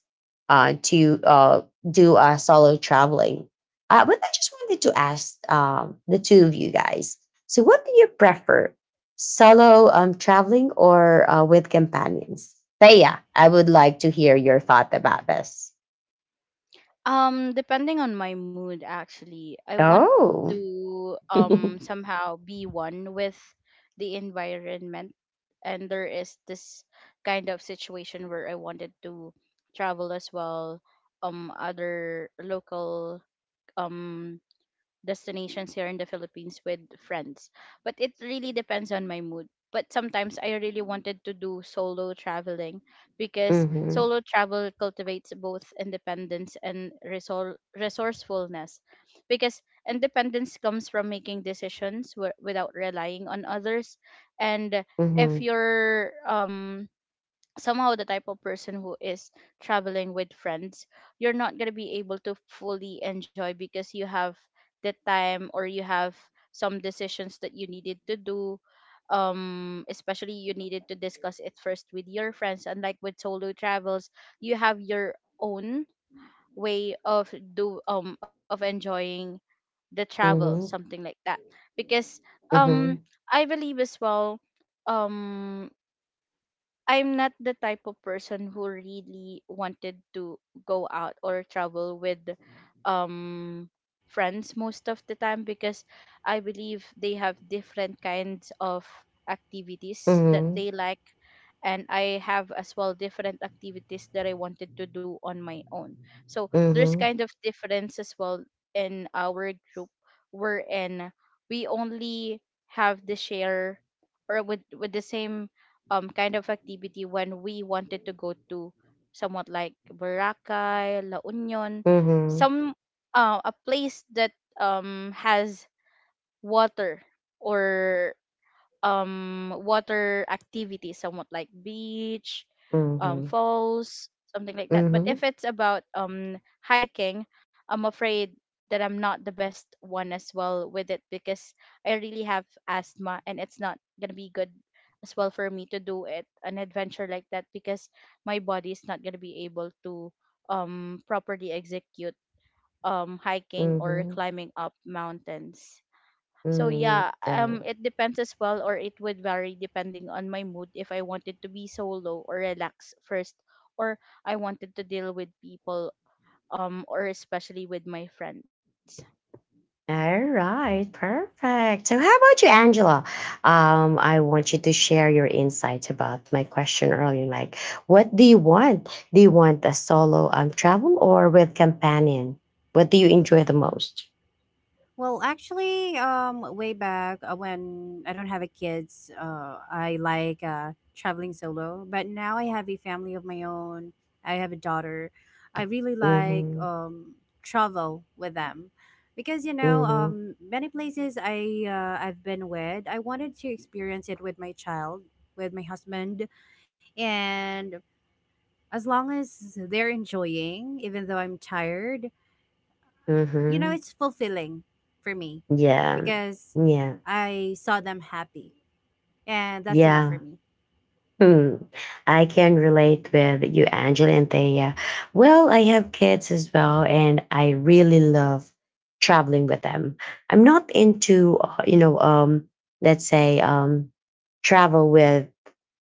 to do solo traveling. But I just wanted to ask, the two of you guys, so what do you prefer, solo traveling or with companions? Thea, I would like to hear your thought about this. Depending on my mood, actually, I want Oh. to somehow be one with the environment, and there is this kind of situation where I wanted to travel as well, other local um destinations here in the Philippines with friends. But it really depends on my mood. But sometimes I really wanted to do solo traveling, because Mhm. solo travel cultivates both independence and resourcefulness. Because independence comes from making decisions without relying on others. And if Mhm. you're somehow the type of person who is traveling with friends, you're not going to be able to fully enjoy because you have the time or you have some decisions that you needed to do, especially you needed to discuss it first with your friends, unlike with solo travels. You have your own way of do of enjoying the travel, Mhm. something like that. Because um Mhm. I believe as well, um I'm not the type of person who really wanted to go out or travel with um friends most of the time, because I believe they have different kinds of activities that Mhm. they like, and I have as well different activities that I wanted to do on my own. So Mhm. there's Mhm. kind of difference as well in our group wherein we only have the share or with the same kind of activity when we wanted to go to somewhat like Boracay, La Union, Mhm. some a place that has water or water activities, somewhat like beach, falls, something like that. Mhm. But Mhm. if it's about hiking, I'm afraid that I'm not the best one as well with it, because I really have asthma and it's not gonna be good as well for me to do it, an adventure like that, because my body is not gonna be able to properly execute hiking or Mhm. climbing up mountains. So yeah, Um, it depends as well, or it would vary depending on my mood, if I wanted to be solo or relax first, or I wanted to deal with people, or especially with my friends. All right, perfect. So, how about you, Angela? I want you to share your insight about my question earlier. Like, what do you want? Do you want a solo travel or with companion? What do you enjoy the most? Well, actually, way back when I don't have a kids, I like traveling solo. But now I have a family of my own. I have a daughter. I really like Mm-hmm. Travel with them because you know Mm-hmm. Many places I've been with. I wanted to experience it with my child, with my husband, and as long as they're enjoying, even though I'm tired, you know, Mm-hmm. it's fulfilling for me Yeah. because Yeah. I saw them happy, and that's enough for Yeah. me. Hmm. I can relate with you, Angela and Thea. Well, I have kids as well, and I really love traveling with them. I'm not into, you know, let's say, travel with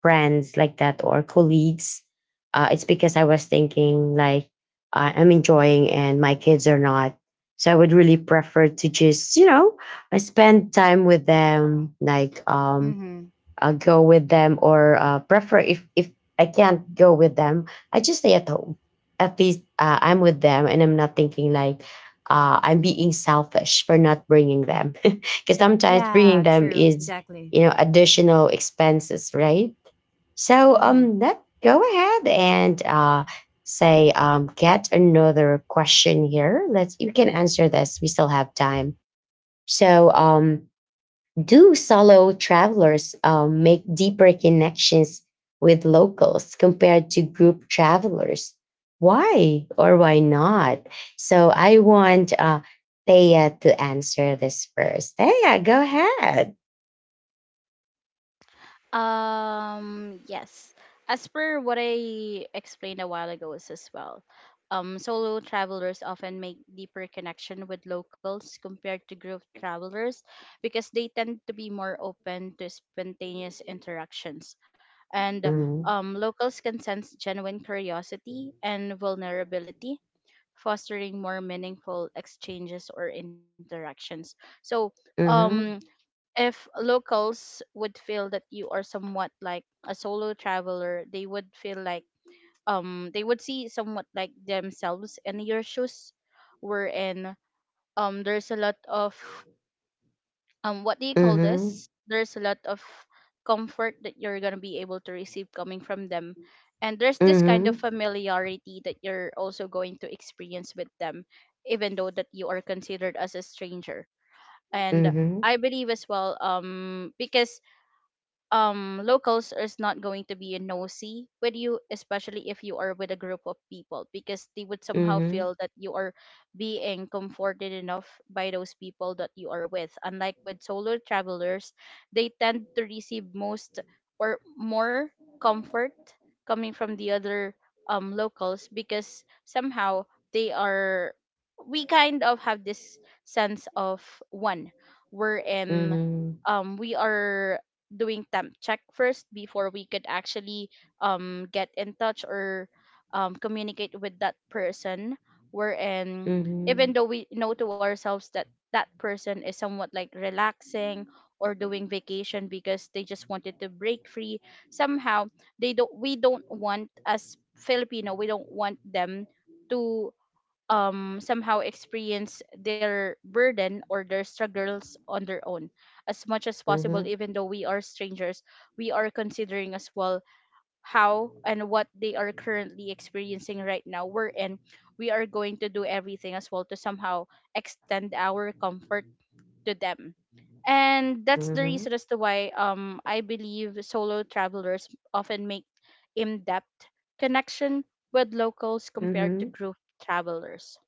friends like that or colleagues. It's because I was thinking like I'm enjoying and my kids are not. So I would really prefer to just, you know, I spend time with them, like, Mm-hmm. Go with them or prefer if I can't go with them, I just stay at home. At least I'm with them and I'm not thinking like, I'm being selfish for not bringing them because sometimes Yeah, bringing them true. is, Exactly. you know, additional expenses, right? So, Mm-hmm. Let go ahead and, say, get another question here. Let's, you can answer this. We still have time. So, do solo travelers make deeper connections with locals compared to group travelers? Why or why not? So I want Thea to answer this first. Thea, go ahead. Yes. As per what I explained a while ago is as well, solo travelers often make deeper connection with locals compared to group travelers, because they tend to be more open to spontaneous interactions. And Mm-hmm. Locals can sense genuine curiosity and vulnerability, fostering more meaningful exchanges or interactions. So, um, Mm-hmm. if locals would feel that you are somewhat like a solo traveler, they would feel like they would see somewhat like themselves in your shoes, wherein there's a lot of what do you call this, there's a lot of comfort that you're going to be able to receive coming from them, and there's this kind of Mm-hmm. familiarity that you're also going to experience with them, even though that you are considered as a stranger. And Mm-hmm. I believe as well, because locals is not going to be nosy with you, especially if you are with a group of people, because they would somehow Mm-hmm. feel that you are being comforted enough by those people that you are with, unlike with solo travelers. They tend to receive most or more comfort coming from the other locals, because somehow they are we kind of have this sense of one, we're in Mm-hmm. We are doing temp check first before we could actually get in touch or communicate with that person, wherein Mm-hmm. even though we know to ourselves that that person is somewhat like relaxing or doing vacation because they just wanted to break free, somehow they don't we don't want, as filipino we don't want them to somehow experience their burden or their struggles on their own. As much as Mm-hmm. possible, Mm-hmm. even though we are strangers, we are considering as well how and what they are currently experiencing right now, we're in we are going to do everything as well to somehow extend our comfort to them. And that's the Mm-hmm. reason as to why I believe solo travelers often make in-depth connection with locals compared to Mm-hmm. group travelers.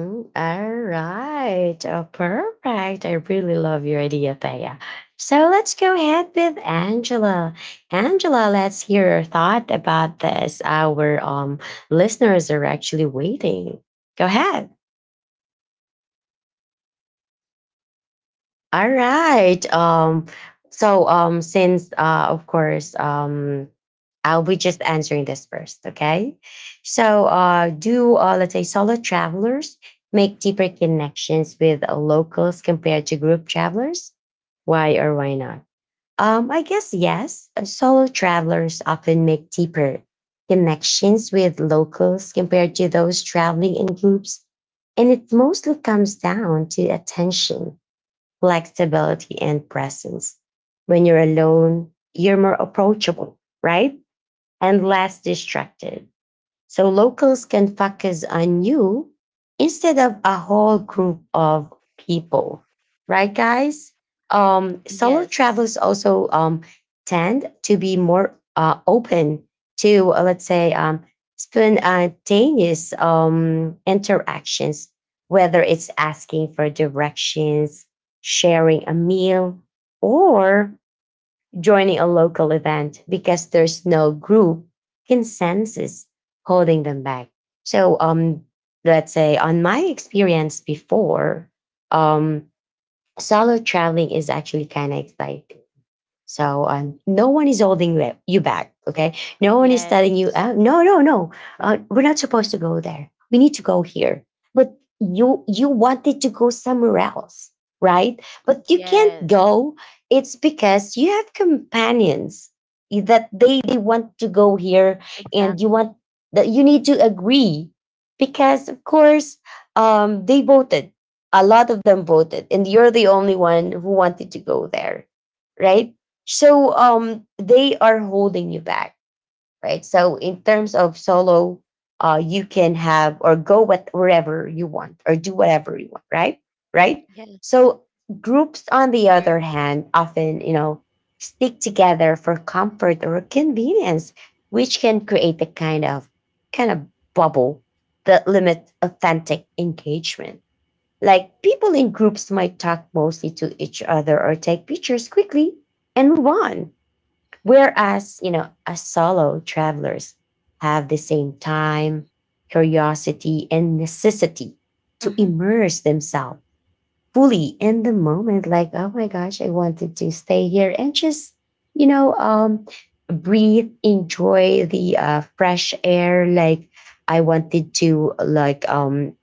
Mm, all right. Oh, perfect. I really love your idea, Thea. So let's go ahead with Angela. Angela, let's hear your thought Yeah. about this. Our, listeners are actually waiting. Go ahead. Well, yeah, of course. I think, you know, solo travelers All often have right. more. So, since, of Hello? course, I'll be just answering this first, okay? So Mm-hmm. Do let's say solo travelers make deeper connections with locals compared to group travelers? Why or why not? I guess yes. Solo travelers often make deeper connections with locals compared to those traveling in groups, and it mostly comes down to attention, flexibility, and presence. When you're alone, you're more approachable, right? And less distracted, so locals can focus on you instead of a whole group of people, right, guys? Um, solo Yes. travelers also, tend to be more open to, let's say, spontaneous interactions, whether it's asking for directions, sharing a meal, or joining a local event, because there's no group consensus holding them back. So, let's say on my experience before, um, solo traveling is actually kind of exciting. So, no one is holding you back. Okay, no one is telling you, Yes. No, no, no, we're not supposed to go there. We need to go here. But you wanted to go somewhere else, right? But you can't Yes. go. It's because you have companions that they want to go here, and you Exactly. want, that you need to agree, because of course, they voted. A lot of them voted, and you're the only one who wanted to go there, right? So, um, they are holding you back, right? So in terms of solo, uh, you can have or go with wherever you want or do whatever you want, right? Right. Yes. So groups, on the other True. hand, often, you know, stick together for comfort or convenience, which can create a kind of kind of bubble that limits authentic engagement. Like people in groups might talk mostly to each other or take pictures quickly and move on. Whereas, you know, as solo travelers have the same time, curiosity, and necessity to Mm-hmm. immerse themselves fully in the Mm-hmm. moment, like, oh my gosh, I wanted to stay here and just, you know, breathe, enjoy the fresh air. Like, I wanted to, like,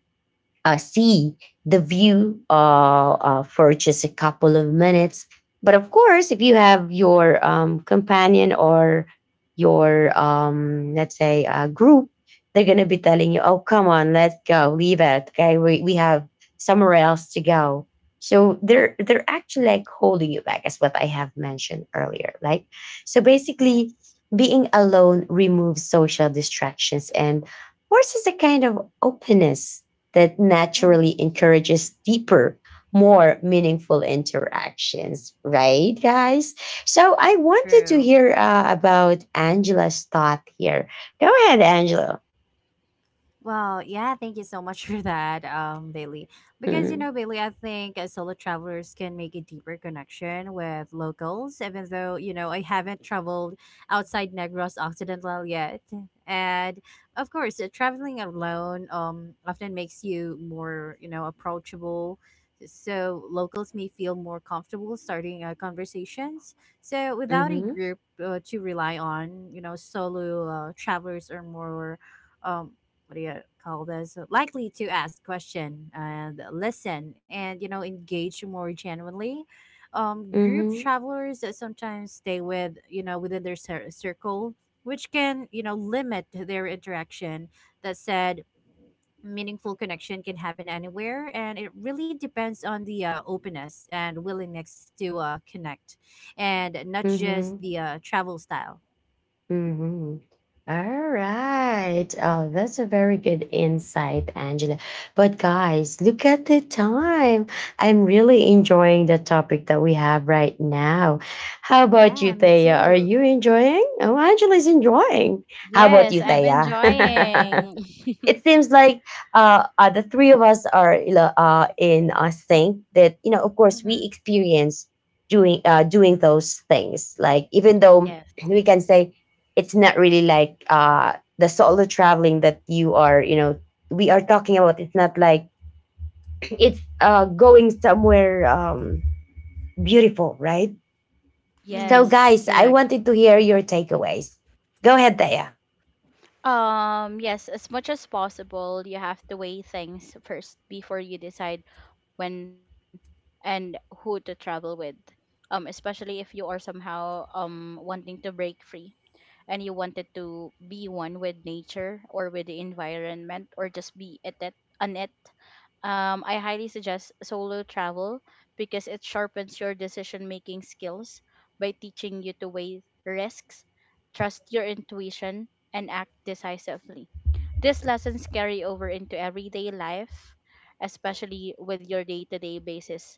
see the view, for just a couple of minutes. But of course, if you have your, companion, or your, let's say, group, they're going to be telling you, oh, come on, let's go, leave it. Okay, we have somewhere else to go. So they're actually like holding you back, as what I have mentioned earlier. Like, so, basically, Yes. being alone removes social distractions and forces a kind of openness that Mm-hmm. naturally encourages deeper, more meaningful interactions, right, guys? So I wanted to True. hear about Angela's thought here. Go ahead, Angela. Well, yeah, thank you so much for that, Bailey. Because, you Mm-hmm, know, Bailey, I think solo travelers can make a deeper connection with locals, even though, you know, I haven't traveled outside Negros Occidental yet. And of course, traveling alone often makes you more, you know, approachable. So locals may feel more comfortable starting conversations. So without a mm-hmm, group to rely on, you know, solo travelers are more um, what do you call this, likely to ask question and listen and you know engage more genuinely. Um, group travelers that sometimes stay with, you know, within their circle, which can, you know, limit their interaction. That said, meaningful connection can happen anywhere and it really depends on the openness and willingness to connect, and not just mm-hmm, the travel style. mm-hmm. All right. Oh, that's a very good insight, Angela. But guys, look at the time. I'm really enjoying the topic that we have right now. How about you, Yeah, me Thea? Are too. you enjoying? Oh, Angela's enjoying. How about Yes, you, I'm Thea? enjoying. It seems like the three of us are, you know, in sync, that, you know, of course we Mm-hmm. experience doing doing those things, like, even though Yes. we can say it's not really like the solo traveling that you are, you know, we are talking about. It's not like, it's, going somewhere, beautiful, right? So Mm-hmm. guys, Yes. I Correct. wanted to hear your takeaways. Go ahead, Daya. Yes, as much as possible, you have to weigh things first before you decide when and who to travel with. Especially if you are somehow wanting to break free and you wanted to be one with nature or with the environment, or just be at it on it, I highly suggest solo travel because it sharpens your decision making skills by teaching you to weigh risks, trust your intuition, and act decisively. These lessons carry over into everyday life, especially with your day to day basis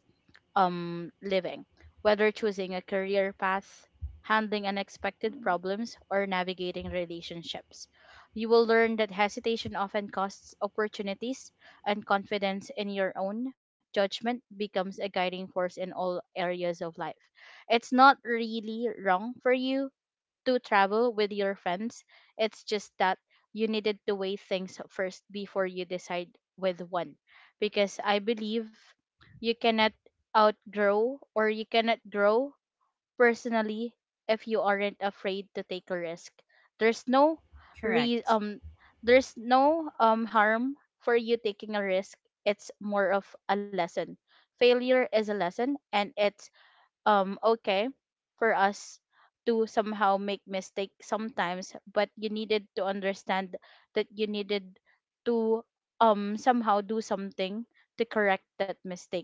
living, whether choosing a career path, handling unexpected problems, or navigating relationships. You will learn that hesitation often costs opportunities, and confidence in your own judgment becomes a guiding force in all areas of life. It's not really wrong for you to travel with your friends. It's just that you needed to weigh things first before you decide with one. Because I believe you cannot outgrow, or you cannot grow personally, if you aren't afraid to take a risk. There's no re- um Correct. there's no harm for you taking a risk. It's more of a lesson. Failure is a lesson, and it's okay for us to somehow make mistake sometimes, but you needed to understand that you needed to somehow do something to correct that mistake.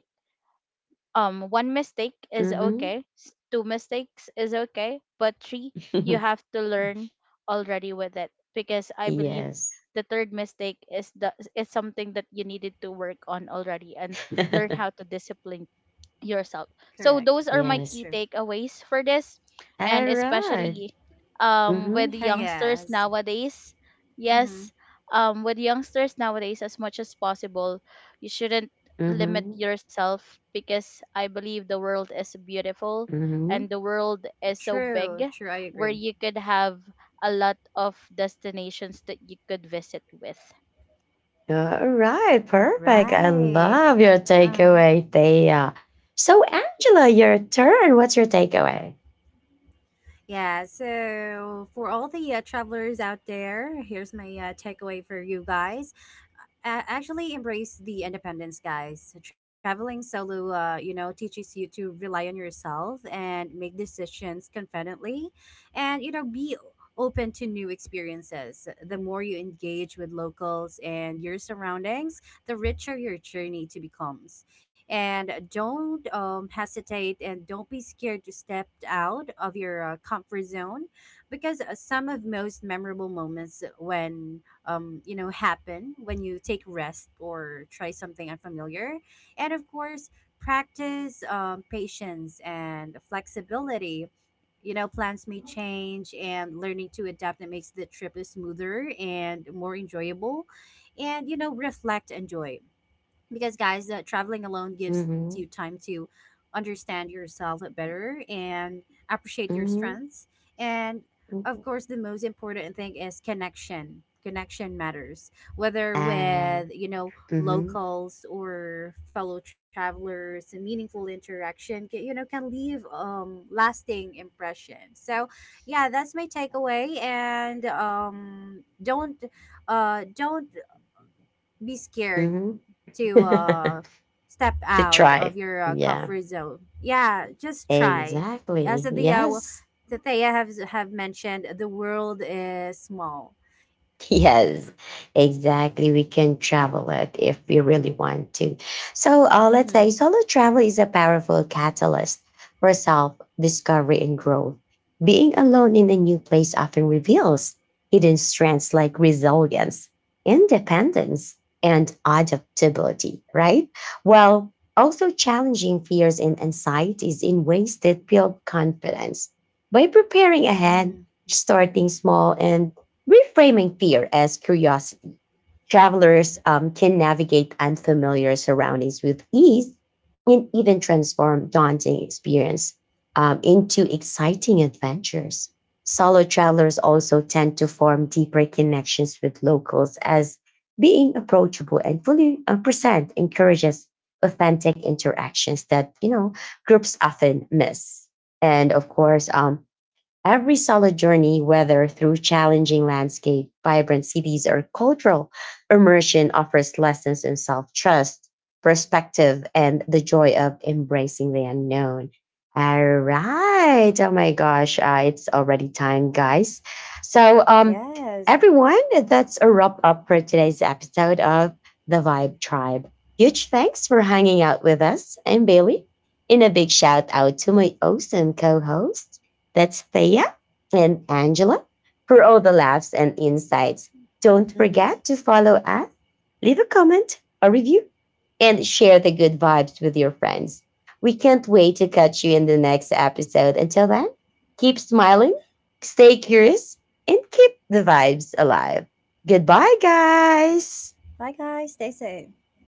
One mistake is Hmm. okay, two mistakes is okay, but three, you have to learn already with it, because I believe Yes. the third mistake is something that you needed to work on already, and learn how to discipline yourself. So Correct. those are my That's Yes. key true. takeaways for this, and Alright. especially with the Mhm. youngsters Yes. nowadays. Yes, Mm-hmm. With youngsters nowadays, as much as possible, you shouldn't limit Mhm. yourself, because I believe the world is beautiful Mhm. and the world is so big, True, true. I where agree. you could have a lot of destinations that you could visit with. Alright, perfect. I love Right. your Uh-huh. takeaway, Thea. So, Angela, your turn. What's your takeaway? Yeah. So, for all the travelers out there, here's my takeaway for you guys. Uh, actually embrace the independence, guys. Traveling solo you know teaches you to rely on yourself and make decisions confidently, and you know be open to new experiences. The more you engage with locals and your surroundings, the richer your journey to becomes. And don't hesitate and don't be scared to step out of your comfort zone, because some of most memorable moments when you know happen when you take rest or try something unfamiliar. And of course, practice patience and flexibility. You know, plans may change and learning to adapt that makes the trip smoother and more enjoyable. And you know, reflect and joy, because guys, that traveling alone gives you Mhm. time to understand yourself better and appreciate your Mhm. strengths. And of Mhm. course, the most important thing is connection. Connection matters whether with, Alright. you know, Mhm. locals or fellow travelers. A meaningful interaction, you know, can leave lasting impression. So yeah, that's my takeaway. And um, don't be scared Mhm. to step To out try. of your Yeah. comfort zone. Yeah, just try. As Exactly. Yes. the Thea have mentioned, the world is small. Yes, exactly. We can travel it if we really want to. So let's say Mm-hmm. solo travel is a powerful catalyst for self discovery and growth. Being alone in a new place often reveals hidden strengths like resilience, independence, and adaptability, right? While also challenging fears and anxieties in ways that build confidence. By preparing ahead, Mm. starting small, and reframing fear as curiosity, travelers can navigate unfamiliar surroundings with ease and even transform daunting experience into exciting adventures. Solo travelers also tend to form deeper connections with locals, as being approachable and fully, present encourages authentic interactions that, you know, groups often miss. And of course, every solo journey, whether through challenging landscape, vibrant cities, or cultural immersion, offers lessons in self trust, perspective, and the joy of embracing the unknown. All right. Oh my gosh. It's already time, guys. So, Yes. everyone, that's a wrap up for today's episode of The Vibe Tribe. Huge thanks for hanging out with us. I'm Bailey. And a big shout out to my awesome co host. That's Thea and Angela, for all the laughs and insights. Don't forget to Mm-hmm. follow us, leave a comment, a review, and share the good vibes with your friends. We can't wait to catch you in the next episode. Until then, keep smiling, stay curious, and keep the vibes alive. Goodbye, guys. Bye, guys. Stay safe.